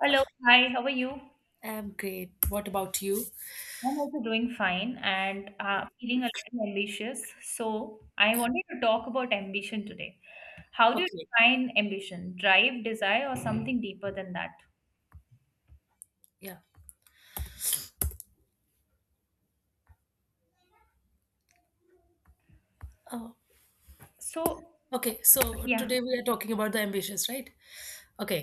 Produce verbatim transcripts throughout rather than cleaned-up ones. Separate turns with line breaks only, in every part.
Hello, hi, how are you? I'm
I'm great. What about you?
also doing fine and uh, feeling a little ambitious. So, I wanted to talk about ambition today. How do you
Okay,
define ambition? Drive, desire, or something deeper than that?
yeah. Oh,
So,
okay, so
yeah,
today we are talking about the ambitions, right? Okay,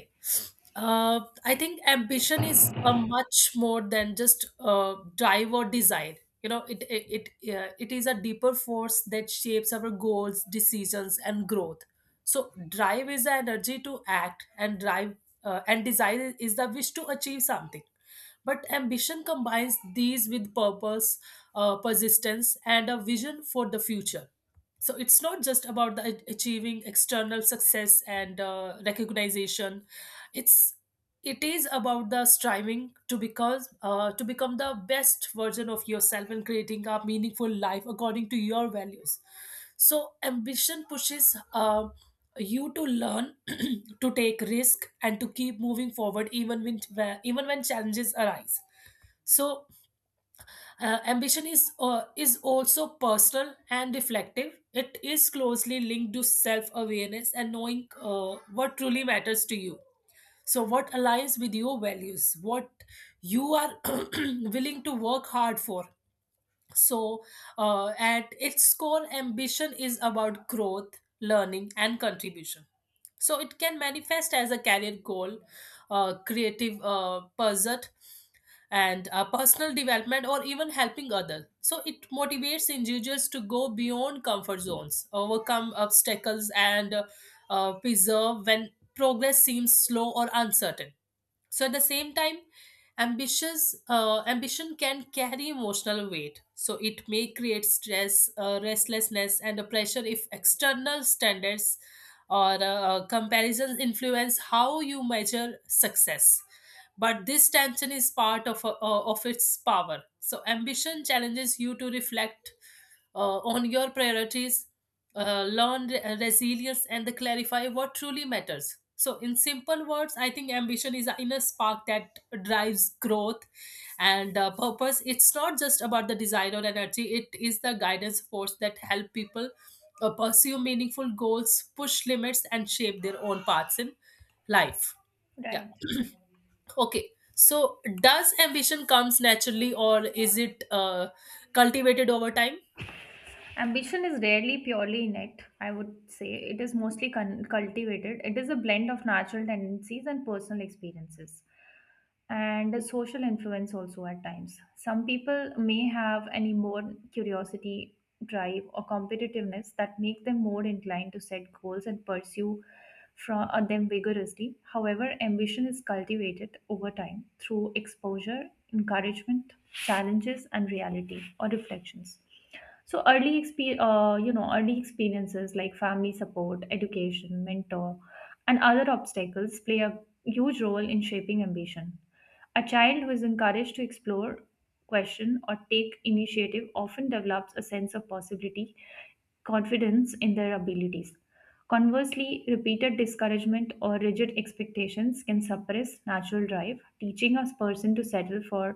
Uh, I think ambition is uh, much more than just uh, drive or desire. You know, it it it, uh, it is a deeper force that shapes our goals, decisions, and growth. So, drive is the energy to act, and drive uh, and desire is the wish to achieve something. But ambition combines these with purpose, uh, persistence, and a vision for the future. So it's not just about the achieving external success and uh, recognition, it's it is about the striving to because uh, to become the best version of yourself and creating a meaningful life according to your values. So ambition pushes uh, you to learn to take risk and to keep moving forward even when even when challenges arise. so uh, Ambition is uh, is also personal and reflective. It is closely linked to self awareness and knowing uh, what truly matters to you, so what aligns with your values, what you are willing to work hard for. So, uh, at its core, ambition is about growth, learning, and contribution. So, it can manifest as a career goal, uh, creative uh, pursuit, and uh, personal development, or even helping others. So, it motivates individuals to go beyond comfort zones, overcome obstacles, and uh, uh, preserve when progress seems slow or uncertain. So at the same time, ambitious uh, ambition can carry emotional weight. So it may create stress, uh, restlessness, and a pressure if external standards or uh, uh, comparisons influence how you measure success. But this tension is part of uh, uh, of its power. So ambition challenges you to reflect uh, on your priorities, uh, learn re- uh, resilience and the clarify what truly matters. So in simple words, I think ambition is an inner spark that drives growth and uh, purpose. It's not just about the desire or energy. It is the guidance force that help people uh, pursue meaningful goals, push limits, and shape their own paths in life. Yeah.
right.
Okay. So does ambition comes naturally, or is it uh, cultivated over time?
Ambition is rarely purely innate, I would say. It is mostly con- cultivated. It is a blend of natural tendencies and personal experiences, and social influence also at times. Some people may have an inborn curiosity, drive, or competitiveness that make them more inclined to set goals and pursue from uh, them vigorously. However, ambition is cultivated over time through exposure, encouragement, challenges, and reality or reflections. So early expe- uh, you know, early experiences like family support, education, mentor, and other obstacles play a huge role in shaping ambition. A child who is encouraged to explore, question, or take initiative often develops a sense of possibility, confidence in their abilities. Conversely, repeated discouragement or rigid expectations can suppress natural drive, teaching a person to settle for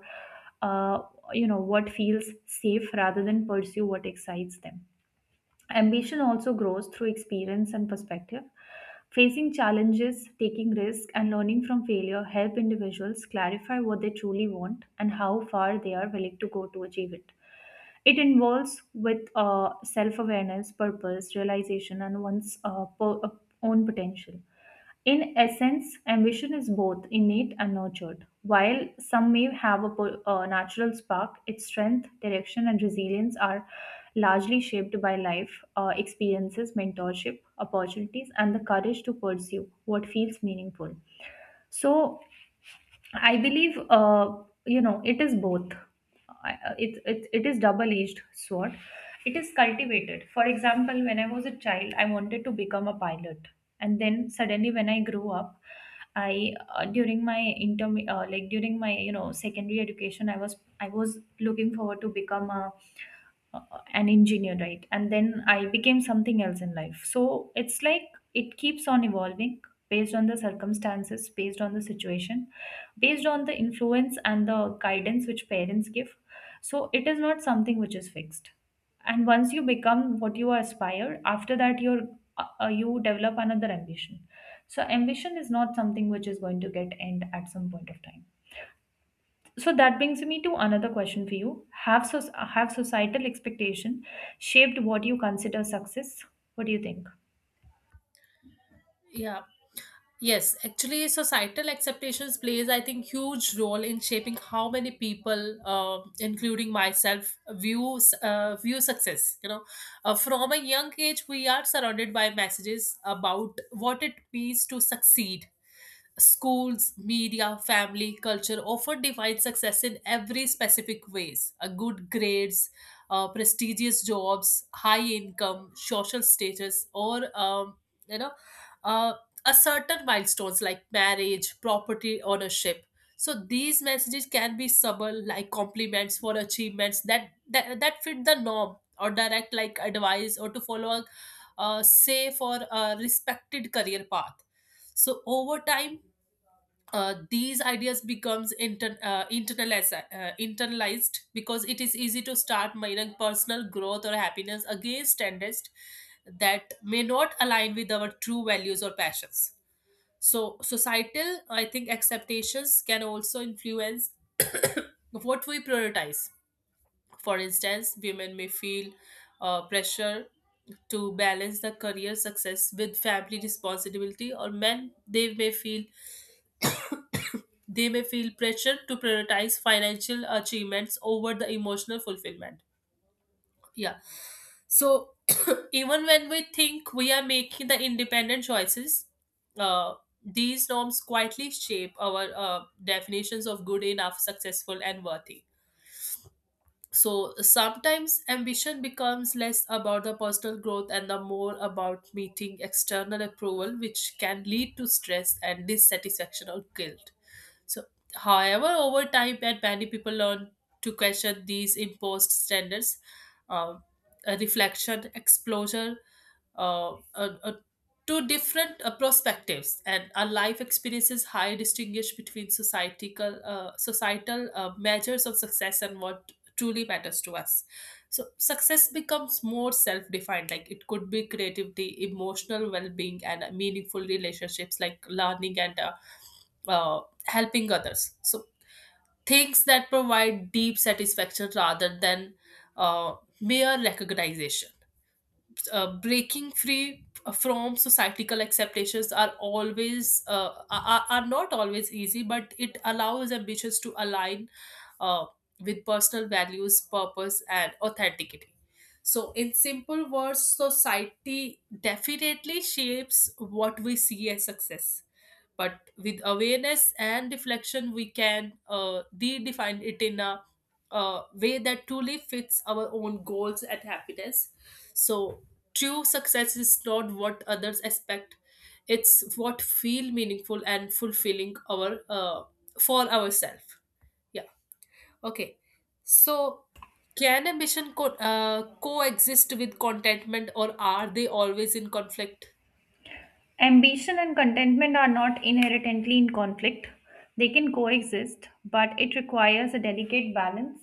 uh, you know what feels safe rather than pursue what excites them. Ambition also grows through experience and perspective, facing challenges, taking risks, and learning from failure, help individuals clarify what they truly want and how far they are willing to go to achieve it. It involves with uh, self-awareness, purpose realization, and one's uh, po- uh, own potential. In essence, ambition is both innate and nurtured. While some may have a, po- a natural spark, its strength, direction, and resilience are largely shaped by life uh, experiences, mentorship, opportunities, and the courage to pursue what feels meaningful. So, I believe uh, you know it is both. I- uh, It, it, it is double-edged sword. It is cultivated. For example, when I was a child, I wanted to become a pilot, and then suddenly when I grew up, I uh, during my inter uh, like during my you know secondary education, I was I was looking forward to become a uh, an engineer, right? And then I became something else in life. So it's like it keeps on evolving, based on the circumstances, based on the situation, based on the influence and the guidance which parents give. So it is not something which is fixed, and once you become what you aspire, after that, you're uh, uh, you develop another ambition. So ambition is not something which is going to get end at some point of time. So that brings me to another question for you. Have so have societal expectation shaped what you consider success? What do you think?
Yeah. Yes, actually, so societal acceptations plays, I think, huge role in shaping how many people, um, including myself, view uh, view success. You know, uh, from a young age, we are surrounded by messages about what it means to succeed. Schools, media, family, culture often define success in every specific ways: uh, good grades, uh, prestigious jobs, high income, social status, or um, you know. Uh, a certain milestones like marriage, property ownership. So these messages can be subtle, like compliments for achievements that that, that fit the norm, or direct like advice, or to follow a uh, safe or a respected career path. So over time, uh, these ideas becomes inter- uh, internalized, uh, internalized, because it is easy to start measuring personal growth or happiness against standards that may not align with our true values or passions. So, societal, I think, acceptations can also influence what we prioritize. For instance, women may feel uh, pressure to balance the career success with family responsibility, or men they may feel they may feel pressure to prioritize financial achievements over the emotional fulfillment. Yeah. So even when we think we are making the independent choices, uh, these norms quietly shape our uh, definitions of good enough, successful, and worthy. So sometimes ambition becomes less about the personal growth and the more about meeting external approval, which can lead to stress and dissatisfaction or guilt. So, however, over time, and many people learn to question these imposed standards. Um, a reflection, exposure, uh, uh, uh, two different uh, perspectives and our life experiences high distinguish between societal uh, societal uh, measures of success and what truly matters to us. So success becomes more self-defined, like it could be creativity, emotional well-being, and uh, meaningful relationships, like learning and uh, uh, helping others. So things that provide deep satisfaction rather than uh, mere recognition. Uh, breaking free from societal acceptations are always uh, are, are not always easy, but it allows ambitions to align uh, with personal values, purpose, and authenticity. So in simple words, society definitely shapes what we see as success, but with awareness and reflection, we can uh, redefine it in a uh, way that truly fits our own goals and happiness. So true success is not what others expect; it's what feel meaningful and fulfilling our uh, for ourselves. Yeah. Okay. So, can ambition co- uh, coexist with contentment, or are they always in conflict?
Ambition and contentment are not inherently in conflict. They can coexist, but it requires a delicate balance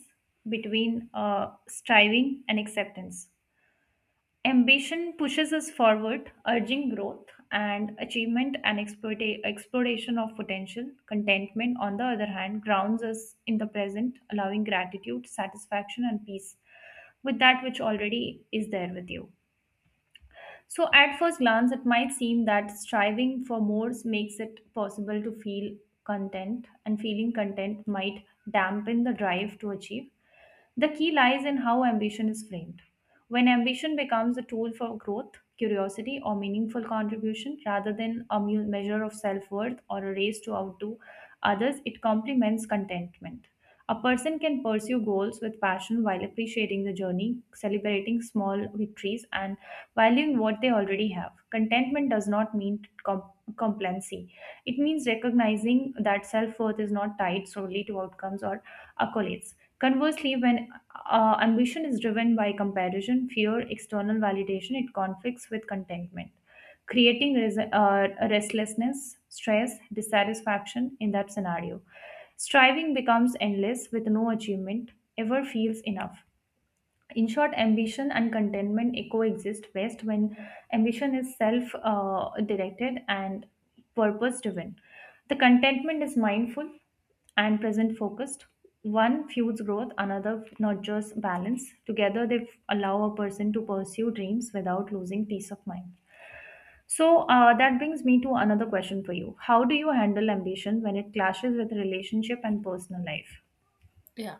between uh, striving and acceptance. Ambition pushes us forward, urging growth and achievement and exploita- exploration of potential. Contentment, on the other hand, grounds us in the present, allowing gratitude, satisfaction, and peace with that which already is there with you. So, at first glance, it might seem that striving for more makes it possible to feel content, and feeling content might dampen the drive to achieve. The key lies in how ambition is framed. When ambition becomes a tool for growth, curiosity, or meaningful contribution rather than a mu- measure of self worth or a race to outdo others, it complements contentment. A person can pursue goals with passion while appreciating the journey, celebrating small victories, and valuing what they already have. Contentment does not mean com- complacency, it means recognizing that self worth is not tied solely to outcomes or accolades. Conversely, when uh, ambition is driven by comparison, fear, external validation. It conflicts with contentment, creating res- uh, restlessness, stress, dissatisfaction in that scenario. Striving becomes endless with no achievement ever feels enough. In short, ambition and contentment coexist best when ambition is self uh, directed and purpose driven. The contentment is mindful and present focused. One fuels growth, another nurtures balance. Together they f- allow a person to pursue dreams without losing peace of mind. So uh, that brings me to another question for you. How do you handle ambition when it clashes with relationship and personal life?
Yeah.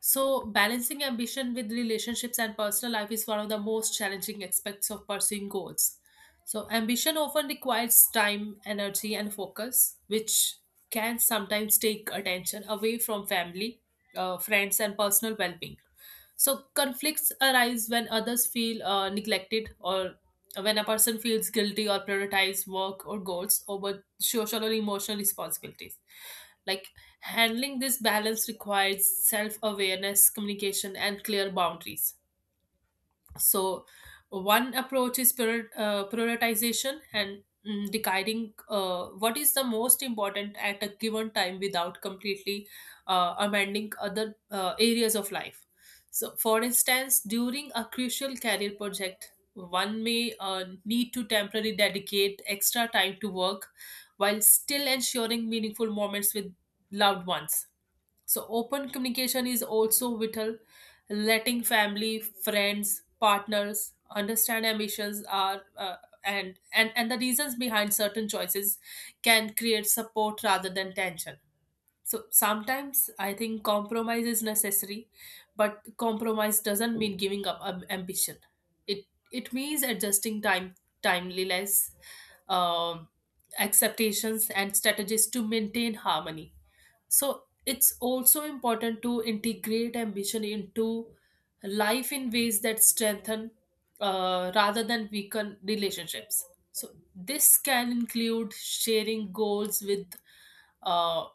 So, balancing ambition with relationships and personal life is one of the most challenging aspects of pursuing goals. So, ambition often requires time, energy, and focus, which can sometimes take attention away from family, uh, friends, and personal well being. So, conflicts arise when others feel uh, neglected or when a person feels guilty or prioritize work or goals over social or emotional responsibilities, like, handling this balance requires self awareness, communication, and clear boundaries. So, one approach is prior- uh, prioritization and mm, deciding uh, what is the most important at a given time without completely uh, amending other uh, areas of life. So, for instance, during a crucial career project, one may uh, need to temporarily dedicate extra time to work while still ensuring meaningful moments with loved ones. So, open communication is also vital. Letting family, friends, partners understand ambitions are uh, and, and and the reasons behind certain choices can create support rather than tension. So sometimes I think compromise is necessary, but compromise doesn't mean giving up um, ambition. It it means adjusting time timeliness, um, expectations, and strategies to maintain harmony. So it's also important to integrate ambition into life in ways that strengthen uh, rather than weaken relationships. So this can include sharing goals with uh,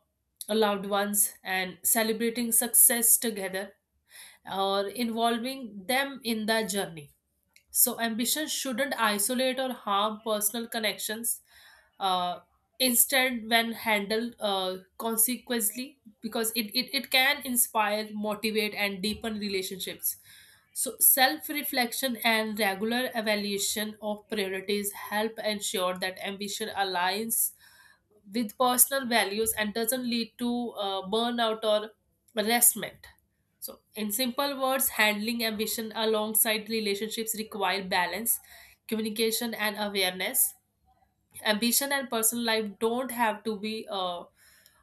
loved ones and celebrating success together, or involving them in the journey. So, ambition shouldn't isolate or harm personal connections. Uh, Instead, when handled uh, consequently, because it, it, it can inspire, motivate, and deepen relationships. So, self reflection and regular evaluation of priorities help ensure that ambition aligns with personal values and doesn't lead to uh, burnout or harassment. So, in simple words, handling ambition alongside relationships require balance, communication, and awareness. Ambition and personal life don't have to be uh,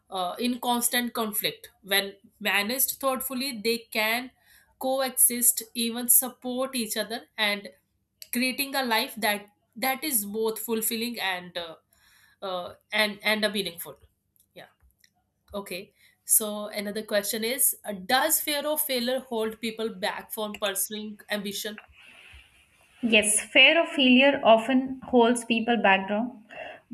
uh, in constant conflict. When managed thoughtfully, they can coexist, even support each other, and creating a life that that is both fulfilling and uh, uh, and and a meaningful. Yeah. Okay. So another question is, uh, does fear of failure hold people back from pursuing ambition?
Yes, fear of failure often holds people back from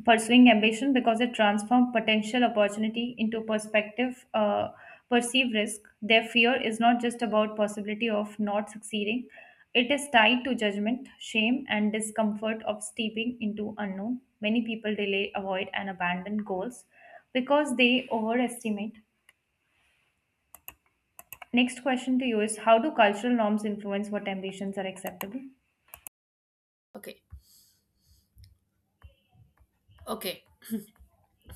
pursuing ambition because it transforms potential opportunity into perspective, uh, perceived risk. Their fear is not just about possibility of not succeeding; it is tied to judgment, shame, and discomfort of stepping into unknown. Many people delay, avoid, and abandon goals because they overestimate. Next question to you is: how do cultural norms influence what ambitions are acceptable?
Okay. Okay.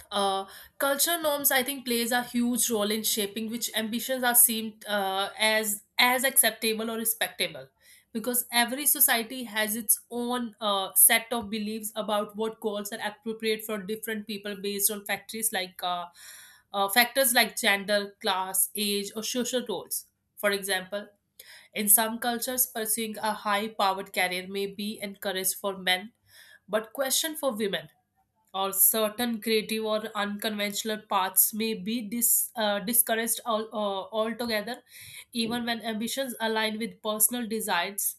Uh, Cultural norms, I think, plays a huge role in shaping which ambitions are seen uh, as as acceptable or respectable, because every society has its own uh, set of beliefs about what goals are appropriate for different people based on factories like uh, uh, factors like gender, class, age, or social roles. For example, in some cultures, pursuing a high powered career may be encouraged for men, but questioned for women, or certain creative or unconventional paths may be dis, uh, discouraged all, uh, altogether, even when ambitions align with personal desires.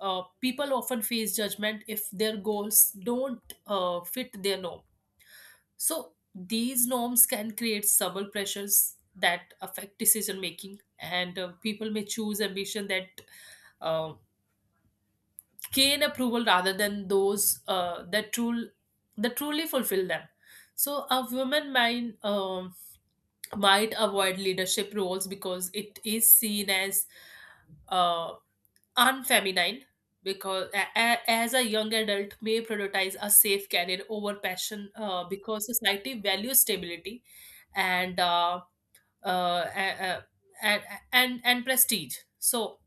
Uh, people often face judgment if their goals don't uh, fit their norm. So these norms can create subtle pressures that affect decision making, and uh, people may choose ambition that uh, gain approval rather than those uh, that true that truly fulfill them. So a woman might um, might avoid leadership roles because it is seen as uh, unfeminine, because a- a- as a young adult may prioritize a safe career over passion uh, because society values stability and uh, uh, a- a- and, and and prestige. So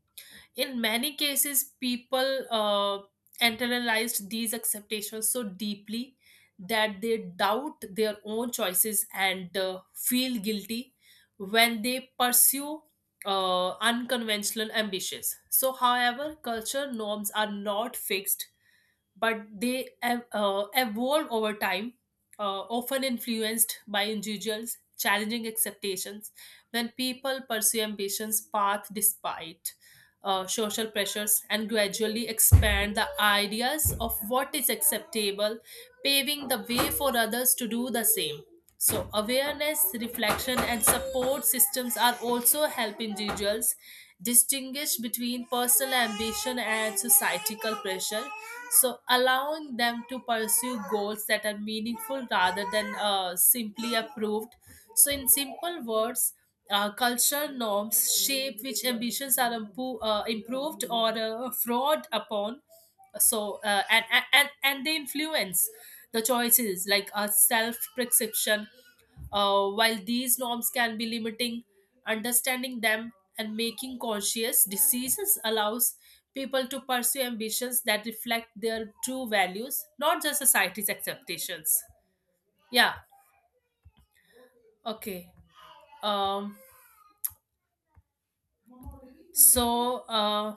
in many cases people uh, internalized these acceptations so deeply that they doubt their own choices and uh, feel guilty when they pursue uh, unconventional ambitions. So however culture norms are not fixed, but they ev- uh, evolve over time, uh, often influenced by individuals' challenging expectations. When people pursue ambitions, path despite uh, social pressures, and gradually expand the ideas of what is acceptable, paving the way for others to do the same. So, awareness, reflection, and support systems are also help individuals distinguish between personal ambition and societal pressure, so allowing them to pursue goals that are meaningful rather than uh, simply approved. So, in simple words, uh, cultural norms shape which ambitions are impo- uh, improved or uh, fraud upon. So uh, and, and and and they influence the choices like our self perception. Uh, while these norms can be limiting, understanding them and making conscious decisions allows people to pursue ambitions that reflect their true values, not just society's expectations. Yeah. Okay. um so uh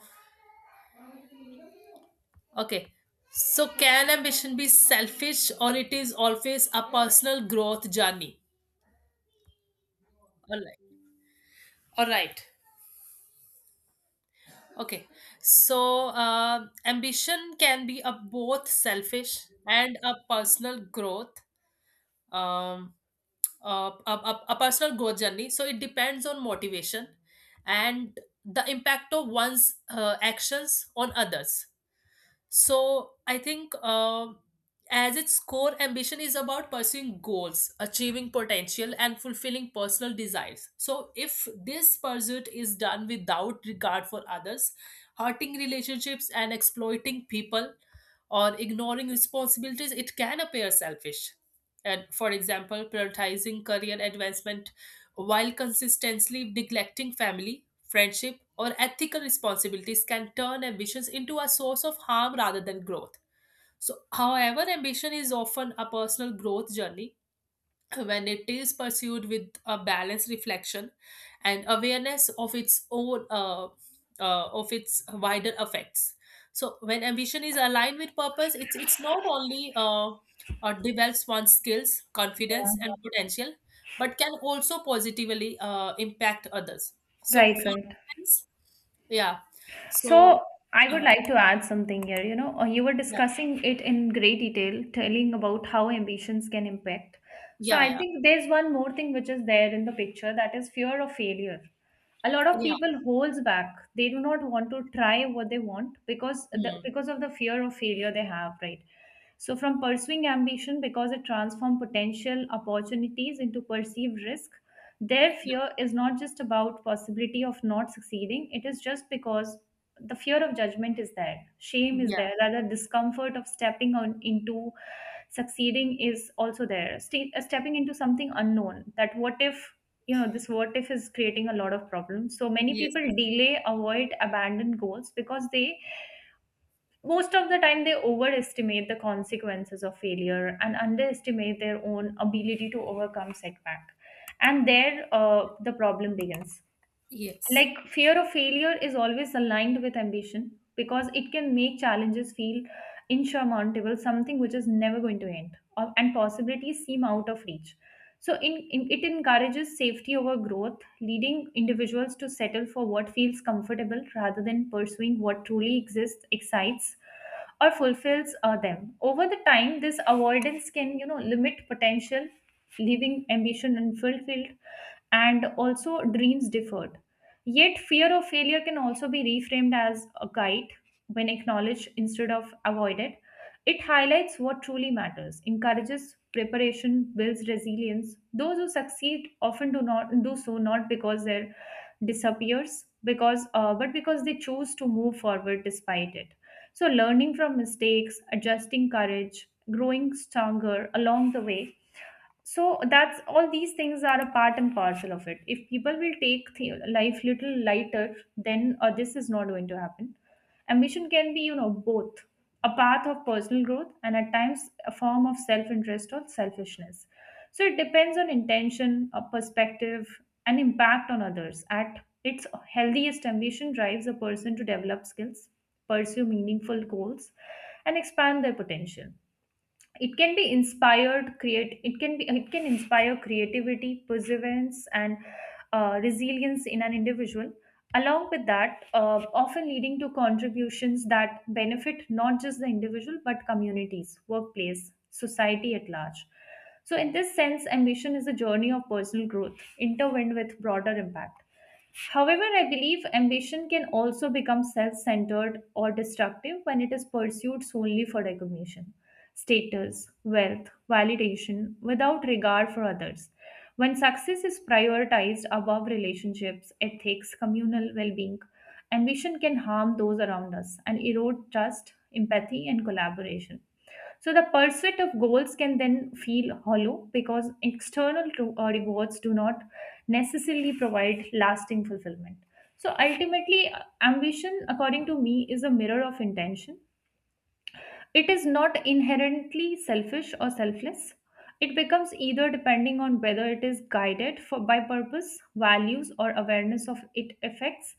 okay. So can ambition be selfish, or it is always a personal growth journey? All right. All right. Okay. So, uh, ambition can be a both selfish and a personal growth, um, a, a, a a personal growth journey. So, it depends on motivation and the impact of one's uh, actions on others. So I think uh, as its core ambition is about pursuing goals, achieving potential, and fulfilling personal desires. So if this pursuit is done without regard for others, hurting relationships and exploiting people or ignoring responsibilities, it can appear selfish. And for example, prioritizing career advancement while consistently neglecting family, friendship, or ethical responsibilities can turn ambitions into a source of harm rather than growth. So, however, ambition is often a personal growth journey when it is pursued with a balanced reflection and awareness of its own uh, uh, of its wider effects. So when ambition is aligned with purpose, it's it's not only uh, uh, develops one's skills, confidence,
Yeah.
and potential, but can also positively uh, impact others. So
Right,
for
right.
instance, yeah. So
So I
uh,
would like to add something here. You know, uh, you were
yeah
discussing it in great detail, telling about how ambitions can impact. So
yeah
I
yeah
think there's one more thing which is there in the picture, that is fear of failure. A lot of
yeah.
people holds back. They do not want to try what they want because the,
Hmm.
because of the fear of failure they have, right? So, from pursuing ambition because it transforms potential opportunities into perceived risk, their fear is not just about possibility of not succeeding, it is just because the fear of judgment is there, shame is
Yeah.
there, rather discomfort of stepping on into succeeding is also there. Ste- uh, stepping into something unknown. That what if, you know this what if is creating a lot of problems. So many
Yes.
people delay, avoid, abandon goals because they most of the time they overestimate the consequences of failure and underestimate their own ability to overcome setback, and there uh, the problem begins.
Yes.
Like, fear of failure is always aligned with ambition because it can make challenges feel insurmountable, something which is never going to end, or, and possibilities seem out of reach. So in, in it encourages safety over growth, leading individuals to settle for what feels comfortable rather than pursuing what truly exists excites or fulfills uh, them. Over the time, this avoidance can you know limit potential, leaving ambition unfulfilled, and also dreams deferred. Yet, fear of failure can also be reframed as a guide when acknowledged instead of avoided. It highlights what truly matters, encourages preparation, builds resilience. Those who succeed often do not do so not because they disappears, because uh, but because they choose to move forward despite it. So, learning from mistakes, adjusting courage, growing stronger along the way, so that's all these things are a part and parcel of it. If people will take th- life little lighter, then uh, this is not going to happen. Ambition can be you know both a path of personal growth and at times a form of self-interest or selfishness. So it depends on intention, a perspective, and impact on others. At its healthiest, ambition drives a person to develop skills, pursue meaningful goals, and expand their potential. it can be inspired create it can be it can inspire creativity, perseverance, and uh, resilience in an individual, along with that uh, often leading to contributions that benefit not just the individual but communities, workplace, society at large. So in this sense, ambition is a journey of personal growth intertwined with broader impact. However, I believe ambition can also become self centered or destructive when it is pursued solely for recognition, status, wealth, validation, without regard for others. When success is prioritized above relationships, ethics, communal well being, ambition can harm those around us and erode trust, empathy, and collaboration. So the pursuit of goals can then feel hollow because external to- uh, rewards do not necessarily provide lasting fulfillment. So ultimately, uh, ambition, according to me, is a mirror of intention. It is not inherently selfish or selfless. It becomes either depending on whether it is guided for, by purpose, values, or awareness of its effects.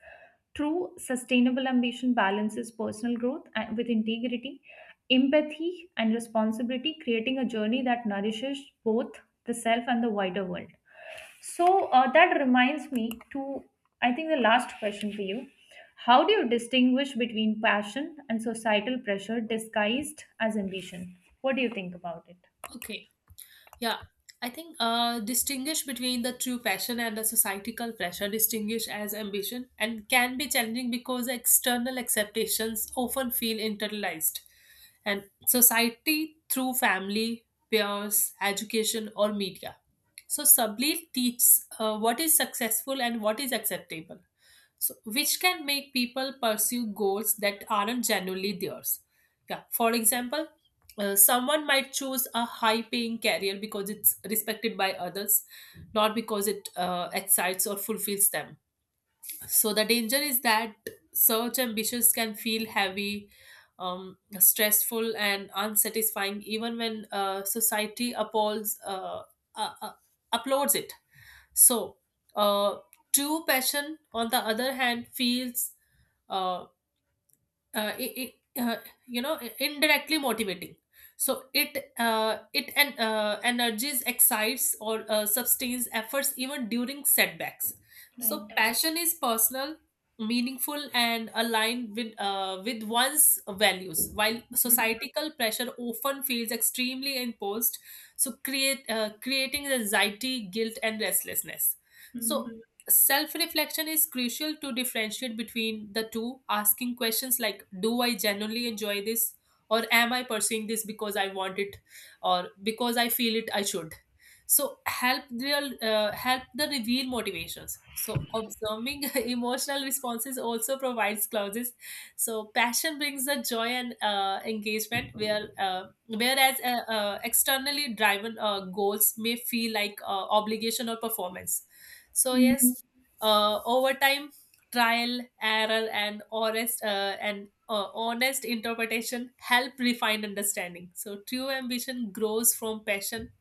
True sustainable ambition balances personal growth and, with integrity, empathy, and responsibility, creating a journey that nourishes both the self and the wider world. So uh, that reminds me to, I think, the last question for you. How do you distinguish between passion and societal pressure disguised as ambition? What do you think about it?
Okay. Yeah, I think uh, distinguish between the true passion and the societal pressure distinguish as ambition and can be challenging because the external acceptations often feel internalized. And society through family, peers, education, or media. So, subtly teaches uh, what is successful and what is acceptable, so which can make people pursue goals that aren't genuinely theirs. Yeah, for example, uh, someone might choose a high paying career because it's respected by others, not because it uh, excites or fulfills them. So, the danger is that such ambitions can feel heavy, um, stressful, and unsatisfying, even when uh, society upholds, uh, uh, uh, uploads it. So, uh, true passion, on the other hand, feels uh, uh, it, I- uh, you know I- indirectly motivating. So it uh, it and uh, energies, excites, or uh, sustains efforts even during setbacks. So
Right.
passion is personal, meaningful, and aligned with uh, with one's values, while societal pressure often feels extremely imposed, so create uh, creating anxiety, guilt, and restlessness. So
Mm-hmm.
self reflection is crucial to differentiate between the two, asking questions like, "Do I genuinely enjoy this? Or am I pursuing this because I want it or because I feel it I should?" So help real uh, help the reveal motivations. So observing emotional responses also provides clauses. So passion brings the joy and uh, engagement, where uh, whereas uh, uh, externally driven uh, goals may feel like uh, obligation or performance. So yes,
Mm-hmm.
uh, over time, trial error and honest uh, and uh, honest interpretation help refine understanding. So true ambition grows from passion,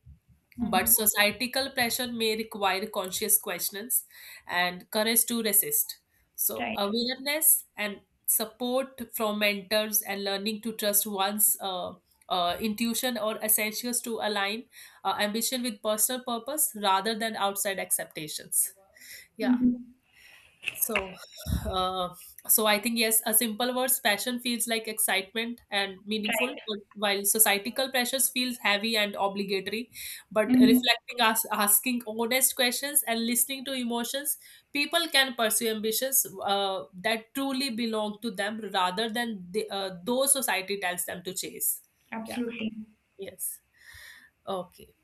but
Hmm.
societal pressure may require conscious questions and courage to resist. So
Right.
awareness and support from mentors and learning to trust one's uh, uh, intuition or essentials to align uh, ambition with personal purpose rather than outside acceptations. Yeah.
Mm-hmm.
So, uh, so I think yes, a simple words, passion feels like excitement and meaningful,
Right.
but while societal pressures feels heavy and obligatory. But
Mm-hmm.
reflecting, as asking honest questions, and listening to emotions, people can pursue ambitions uh, that truly belong to them, rather than the, uh, those society tells them to chase. Yeah.
Absolutely.
Yes. Okay.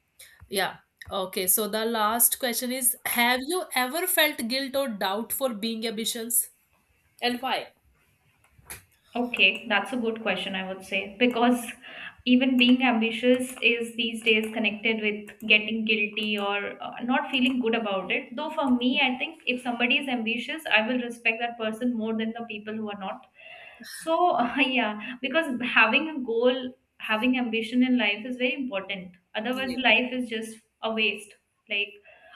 Yeah. Okay. So the last question is: Have you ever felt guilt or doubt for being ambitious? And why?
Okay, that's a good question, I would say, because even being ambitious is these days connected with getting guilty or uh, not feeling good about it. Though for me, I think if somebody is ambitious, I will respect that person more than the people who are not. So, yeah, because having a goal, having ambition in life is very important. Otherwise,
Yes.
life is just a waste. Like,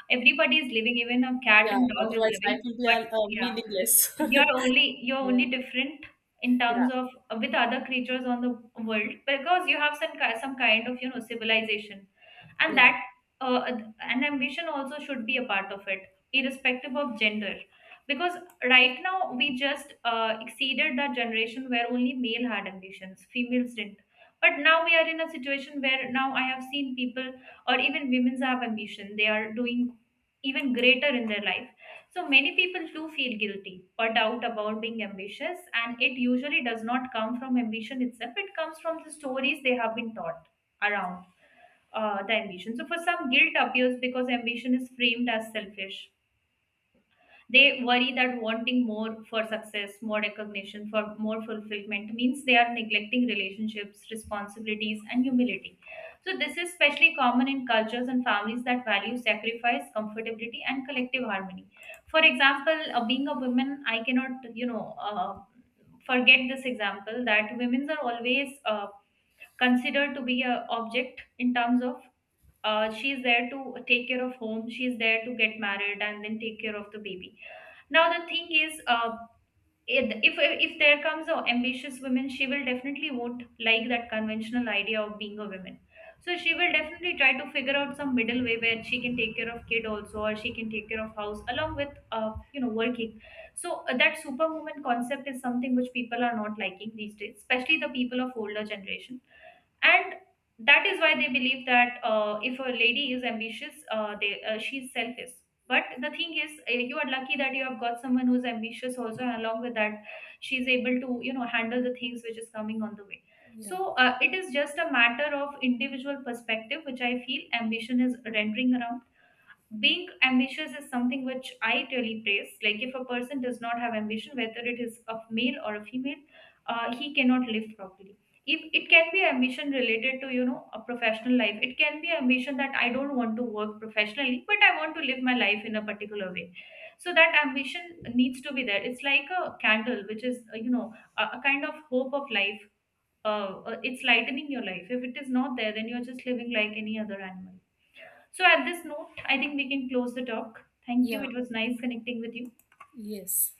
everybody is living, even a cat
Yeah,
and dog is
otherwise life
living.
will be
But
uh,
yeah,
meaningless.
you're only you're
Yeah,
only different in
yeah,
terms of uh, with other creatures on the world because you have some ki- some kind of you know civilization, and
yeah,
that uh, an ambition also should be a part of it, irrespective of gender. Because right now, we just uh, exceeded that generation where only male had ambitions, females didn't. But now we are in a situation where now I have seen people, or even women's have ambition. They are doing even greater in their life. So many people do feel guilty or doubt about being ambitious, and it usually does not come from ambition itself. It comes from the stories they have been taught around uh, the ambition. So for some, guilt appears because ambition is framed as selfish. They worry that wanting more for success, more recognition, for more fulfillment means they are neglecting relationships, responsibilities, and humility. So this is especially common in cultures and families that value sacrifice, comfortability, and collective harmony. For example, uh, being a woman, I cannot you know uh, forget this example that women are always uh, considered to be a object in terms of, uh, she is there to take care of home, she is there to get married and then take care of the baby. Now the thing is, uh, if if if there comes a ambitious woman, she will definitely won't like that conventional idea of being a woman. So she will definitely try to figure out some middle way where she can take care of kid also, or she can take care of house along with uh, you know working. So uh, that superwoman concept is something which people are not liking these days, especially the people of older generation. And that is why they believe that uh, if a lady is ambitious uh, they, uh, she's selfish. But the thing is, uh, you are lucky that you have got someone who's ambitious also, and along with that she's able to you know handle the things which is coming on the way.
yeah,
So uh, it is just a matter of individual perspective, which I feel ambition is rendering around. Being ambitious is something which I really praise. Like, if a person does not have ambition, whether it is a male or a female, uh, he cannot live properly. If it can be ambition related to you know a professional life, it can be ambition that I don't want to work professionally, but I want to live my life in a particular way. So that ambition needs to be there. It's like a candle, which is uh, you know a, a kind of hope of life. Uh, uh, it's lightening your life. If it is not there, then you're just living like any other animal. So, at this note, I think we can close the talk. Thank you.
yeah,
It was nice connecting with you.
yes.